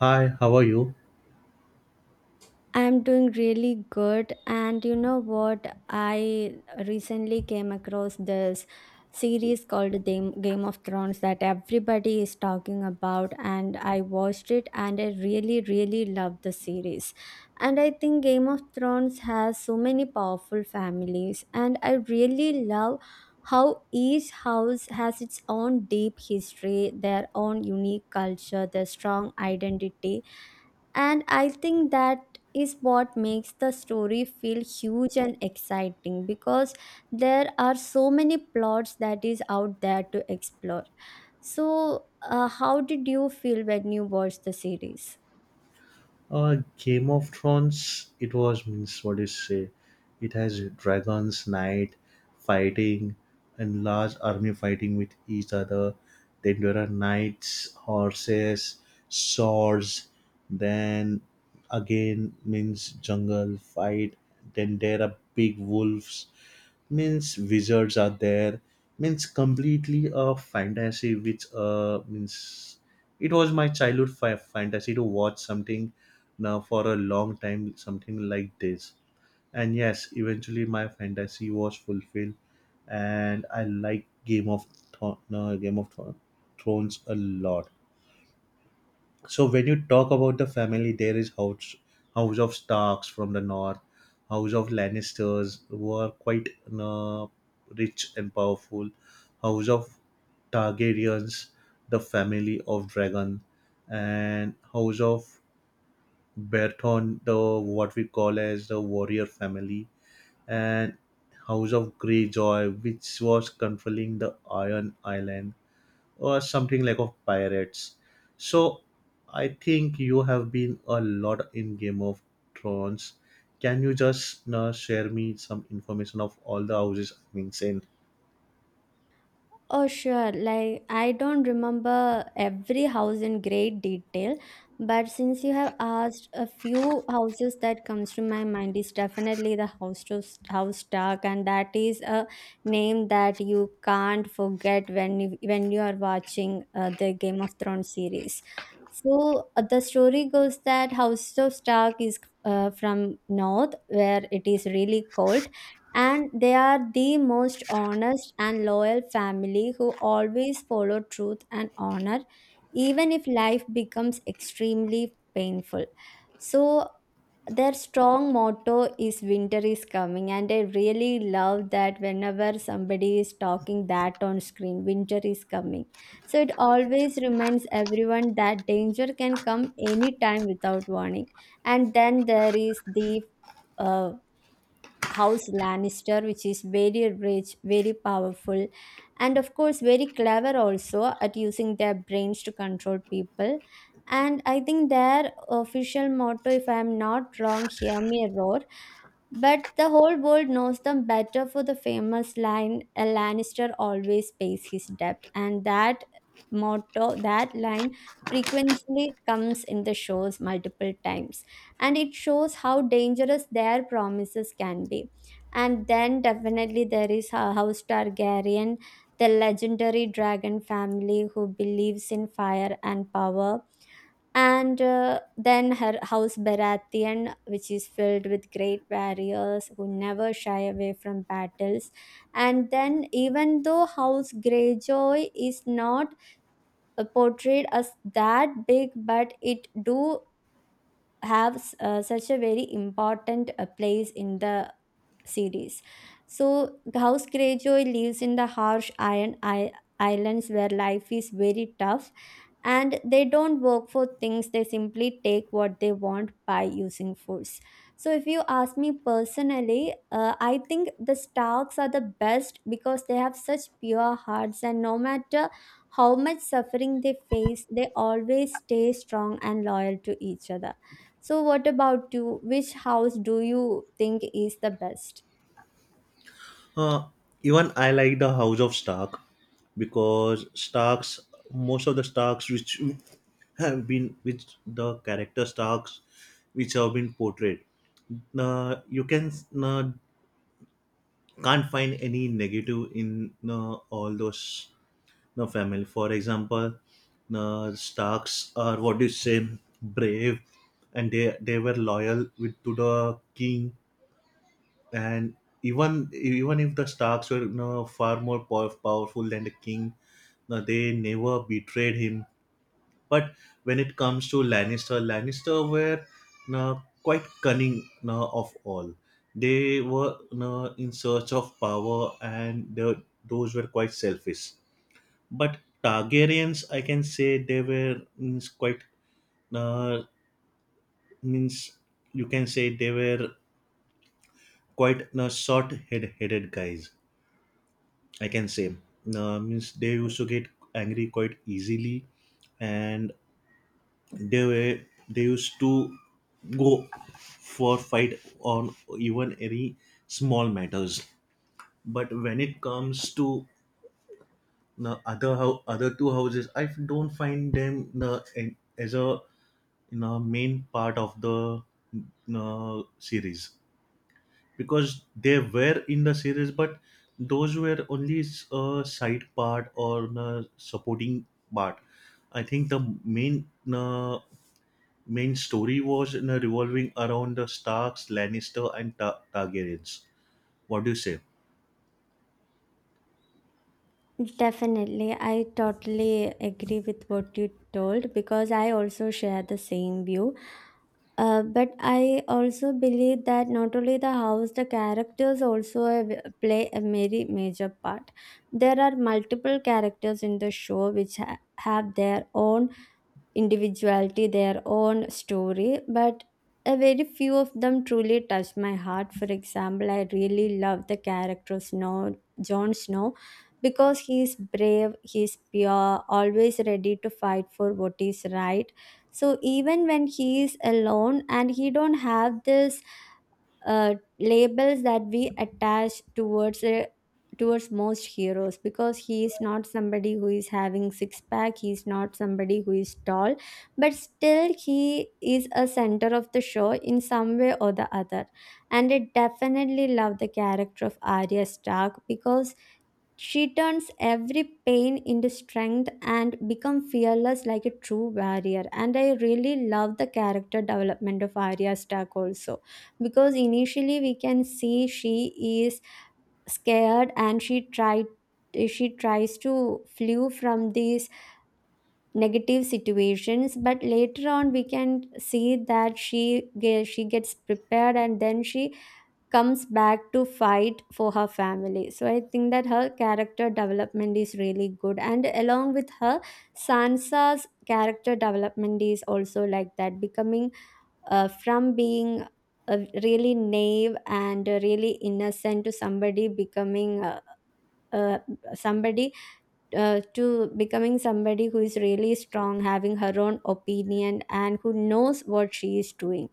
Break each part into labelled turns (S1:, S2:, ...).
S1: Hi, how are you?
S2: I'm doing really good. And you know what? I recently came across this series called Game of Thrones that everybody is talking about. And I watched it and I really, really loved the series. And I think Game of Thrones has so many powerful families. And I really love how each house has its own deep history, their own unique culture, their strong identity, and I think that is what makes the story feel huge and exciting, because there are so many plots that is out there to explore. So, how did you feel when you watched the series?
S1: Game of Thrones, it was means what do you say? It has dragons, knight fighting, and large army fighting with each other. Then there are knights, horses, swords. Then again means jungle fight. Then there are big wolves. Means wizards are there. Means completely a fantasy, which means it was my childhood fantasy to watch something now for a long time, something like this. And yes, eventually my fantasy was fulfilled, and I like Game of Thro- no, Game of Thro- Thrones a lot. So when you talk about the family, there is House of Starks from the north, House of Lannisters who are quite uh, rich and powerful, House of Targaryens, the family of dragon, and House of Berthon, the what we call as the warrior family, and House of Greyjoy, which was controlling the Iron Island, or something like of pirates. So I think you have been a lot in Game of Thrones. Can you just share me some information of all the houses? I mean, saying
S2: Oh, sure. Like, I don't remember every house in great detail, but since you have asked, a few houses that comes to my mind is definitely the house to house Stark, and that is a name that you can't forget when you are watching the Game of Thrones series. So the story goes that House of Stark is from north, where it is really cold, and they are the most honest and loyal family who always follow truth and honor, even if life becomes extremely painful. So their strong motto is winter is coming, and I really love that whenever somebody is talking that on screen, winter is coming. So it always reminds everyone that danger can come anytime without warning. And then there is the uh, House Lannister, which is very rich, very powerful, and of course, very clever also at using their brains to control people. And I think their official motto, if I am not wrong, hear me roar, but the whole world knows them better for the famous line, a Lannister always pays his debt. And that motto, that line frequently comes in the shows multiple times. And it shows how dangerous their promises can be. And then definitely there is House Targaryen, the legendary dragon family who believes in fire and power, and then her house Baratheon, which is filled with great warriors who never shy away from battles. And then, even though House Greyjoy is not portrayed as that big, but it do have such a very important place in the series. So, House Greyjoy lives in the harsh Iron Islands where life is very tough, and they don't work for things, they simply take what they want by using force. So if you ask me personally, I think the Starks are the best, because they have such pure hearts and no matter how much suffering they face, they always stay strong and loyal to each other. So what about you? Which house do you think is the best?
S1: uh, even I like the House of Stark because Starks, most of the Starks which have been which the character stocks which have been portrayed you can uh, can't find any negative in all those family, for example Starks are what do you say, brave, and they were loyal with to the king, and even if the Starks were far more powerful than the king, they never betrayed him. But when it comes to Lannister, Lannister were, no, quite cunning, no, of all. They were, no, in search of power, and the, those were quite selfish. But Targaryens, I can say they were means quite, uh, means you can say they were quite, no, short-headed guys. I can say means they used to get angry quite easily, and they were they used to go for fight on even any small matters. But when it comes to the other two houses, I don't find them the, as a, main part of the, series, because they were in the series but those were only a side part or a supporting part. I think the main, you main story was, revolving around the Starks, Lannister, and Targaryens. What do you say?
S2: Definitely, I totally agree with what you told, because I also share the same view. But I also believe that not only the house, the characters also play a very major part. There are multiple characters in the show which have their own individuality, their own story, but a very few of them truly touched my heart. For example, I really love the character of Snow, Jon Snow, because he is brave, he is pure, always ready to fight for what is right. So even when he is alone and he don't have this labels that we attach towards towards most heroes, because he is not somebody who is having six pack, he is not somebody who is tall, but still he is a center of the show in some way or the other. And I definitely love the character of Arya Stark, because she turns every pain into strength and become fearless like a true warrior. And I really love the character development of Arya Stark also, because initially we can see she is scared and she tries to flee from these negative situations, but later on we can see that she gets prepared and then she comes back to fight for her family. So I think that her character development is really good, and along with her, Sansa's character development is also like that, becoming from being really naive and really innocent to somebody becoming uh, somebody to becoming somebody who is really strong, having her own opinion and who knows what she is doing.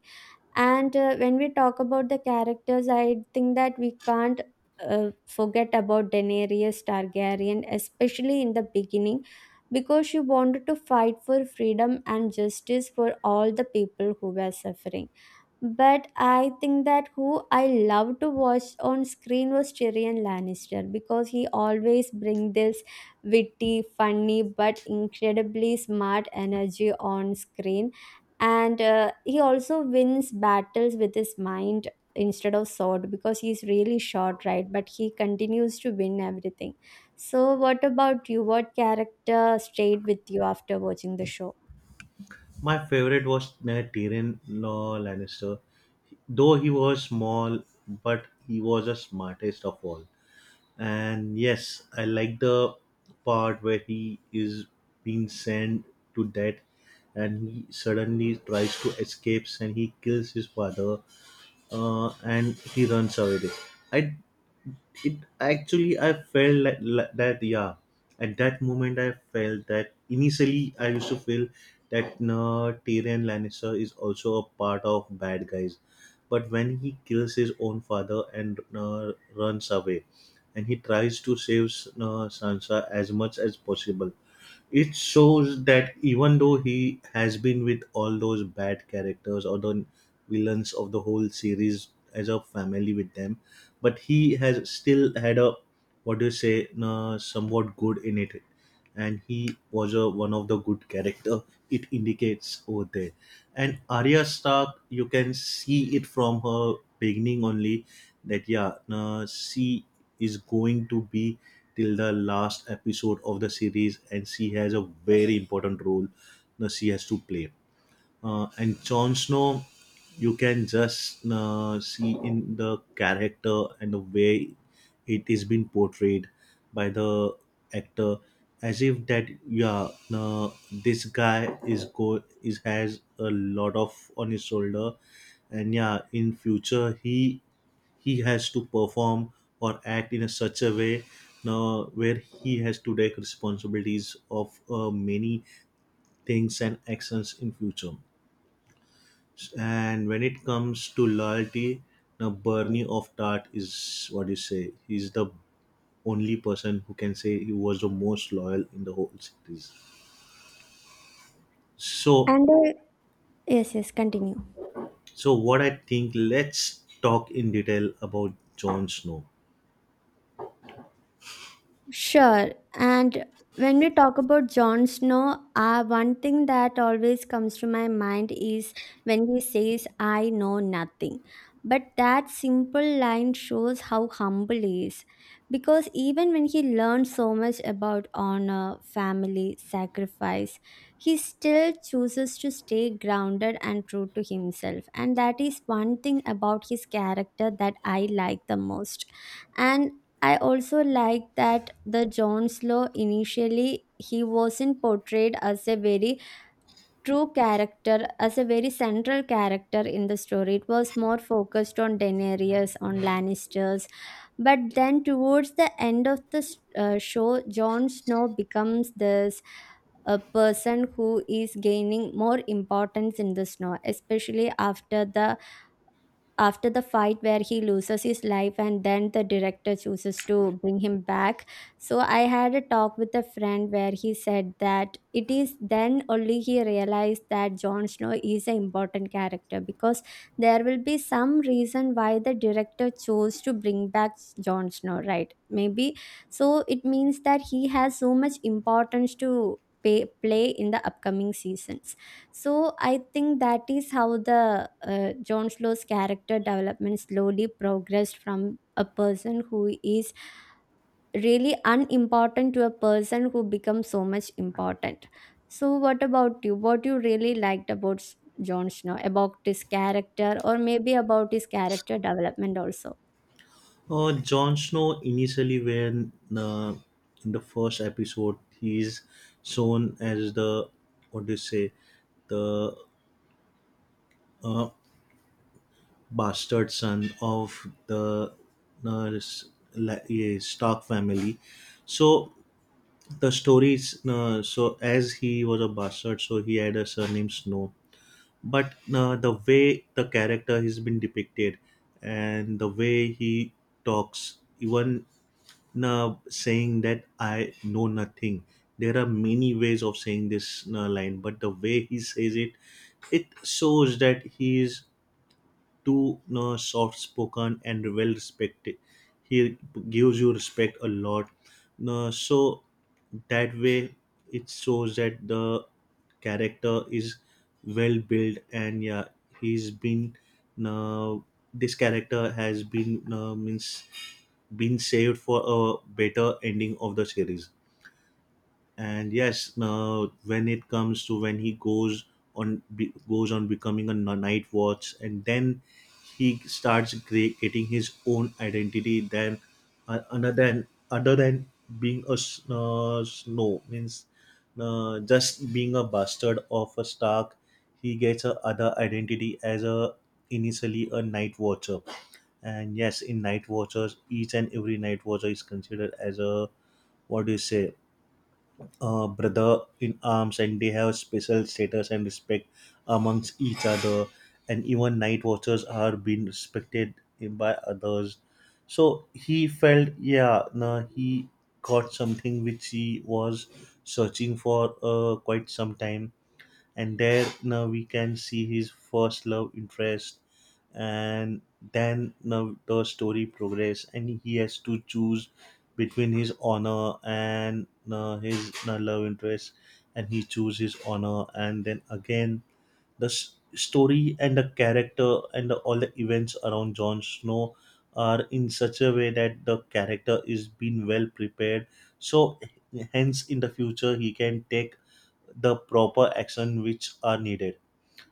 S2: And when we talk about the characters, I think that we can't forget about Daenerys Targaryen, especially in the beginning, because she wanted to fight for freedom and justice for all the people who were suffering. But I think that who I love to watch on screen was Tyrion Lannister, because he always brings this witty, funny, but incredibly smart energy on screen. And he also wins battles with his mind instead of sword, because he's really short, right? But he continues to win everything. So, what about you? What character stayed with you after watching the show?
S1: My favorite was, Tyrion Lannister. Though he was small, but he was the smartest of all. And yes, I like the part where he is being sent to death and he suddenly tries to escape and he kills his father, and he runs away. I, it actually I felt like that, yeah. At that moment I felt that initially I used to feel that, no, Tyrion Lannister is also a part of bad guys. But when he kills his own father and, runs away, and he tries to save Sansa as much as possible, it shows that even though he has been with all those bad characters or the villains of the whole series as a family with them, but he has still had a, what do you say, somewhat good in it, and he was a, one of the good character, it indicates over there. And Arya Stark, you can see it from her beginning only, that, yeah, she is going to be till the last episode of the series and she has a very important role that she has to play. And Jon Snow, you can just see in the character and the way it is being portrayed by the actor, as if that, yeah, uh, this guy is go is has a lot of on his shoulder, and yeah, in future he has to perform or act in a such a way where he has to take responsibilities of many things and actions in future. And when it comes to loyalty, now Bernie of Tart is what you say. He's the only person who can say he was the most loyal in the whole series. So,
S2: And yes, yes, continue.
S1: so what I think, let's talk in detail about Jon Snow.
S2: Sure. And when we talk about Jon Snow, one thing that always comes to my mind is when he says, I know nothing. But that simple line shows how humble he is. Because even when he learned so much about honor, family, sacrifice, he still chooses to stay grounded and true to himself. And that is one thing about his character that I like the most. And I also like that the John Slow, initially he wasn't portrayed as a very true character, as a very central character in the story. It was more focused on Daenerys, on Lannisters. But then towards the end of the show, Jon Snow becomes this, a person who is gaining more importance in the snow, especially after the fight where he loses his life and then the director chooses to bring him back. So I had a talk with a friend where he said that it is then only he realized that Jon Snow is an important character, because there will be some reason why the director chose to bring back Jon Snow, right? Maybe. So it means that he has so much importance to play in the upcoming seasons. So I think that is how the John Slow's character development slowly progressed from a person who is really unimportant to a person who becomes so much important. So what about you? What you really liked about John Snow, about his character or maybe about his character development also?
S1: Jon Snow initially when, in the first episode he is shown as the, what do you say, the uh, bastard son of the uh, s- yeah, Stark family. So the story is, so as he was a bastard, so he had a surname Snow. But the way the character has been depicted and the way he talks, even saying that, I know nothing. There are many ways of saying this line, but the way he says it, it shows that he is too, soft spoken and well respected. He gives you respect a lot. No, so that way it shows that the character is well built, and yeah, he's been uh, this character has been means been saved for a better ending of the series. And yes, now when it comes to when he goes on becoming a night watch, and then he starts getting his own identity, then, other than being a snow means just being a bastard of a Stark, he gets a other identity as a, initially, a night watcher. And yes, in night watchers, each and every night watcher is considered as a, what do you say, brother in arms, and they have special status and respect amongst each other, and even night watchers are being respected by others. So he felt, yeah, no, he got something which he was searching for quite some time. And there now we can see his first love interest. And then now the story progress and he has to choose between his honor and his love interest, and he chooses honor. And then again the story and the character and the, all the events around Jon Snow are in such a way that the character is being well prepared, so hence in the future he can take the proper action which are needed.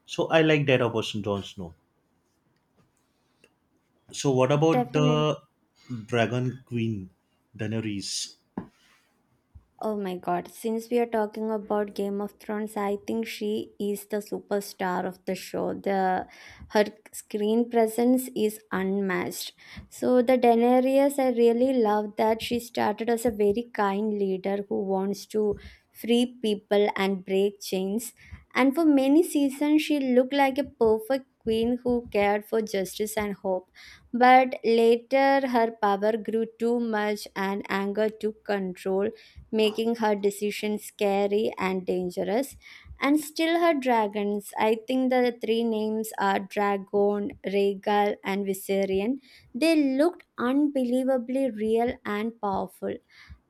S1: So I like that about Jon Snow. So what about
S2: Definitely.
S1: the Dragon Queen Daenerys?
S2: Oh my god, since we are talking about Game of Thrones, I think she is the superstar of the show. The her screen presence is unmatched. So the Daenerys, I really love that she started as a very kind leader who wants to free people and break chains. And for many seasons she looked like a perfect queen who cared for justice and hope. But later her power grew too much and anger took control, making her decisions scary and dangerous. And still her dragons. I think the three names are Dragon, Regal, and Viserion. They looked unbelievably real and powerful,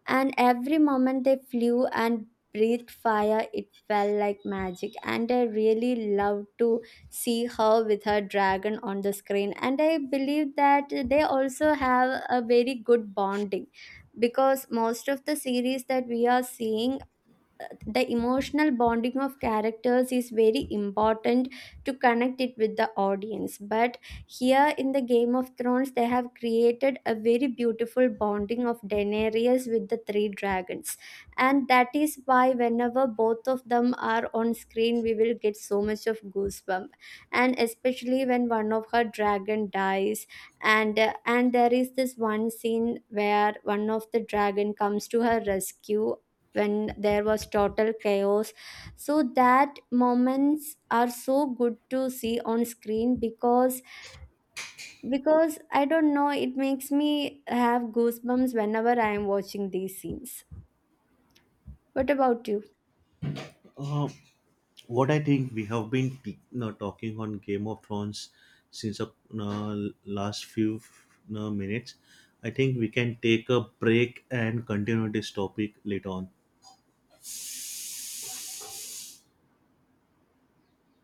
S2: and every moment they flew and breathed fire, it felt like magic. And I really loved to see her with her dragon on the screen, and I believe that they also have a very good bonding, because most of the series that we are seeing, the emotional bonding of characters is very important to connect it with the audience. But here in the Game of Thrones, they have created a very beautiful bonding of Daenerys with the three dragons. And that is why whenever both of them are on screen, we will get so much of goosebump. And especially when one of her dragon dies, and there is this one scene where one of the dragon comes to her rescue when there was total chaos. So that moments are so good to see on screen, because I don't know, it makes me have goosebumps whenever I am watching these scenes. What about you?
S1: Uh, what I think, we have been t- no, talking on Game of Thrones since the last few, no, minutes. I think we can take a break and continue this topic later on.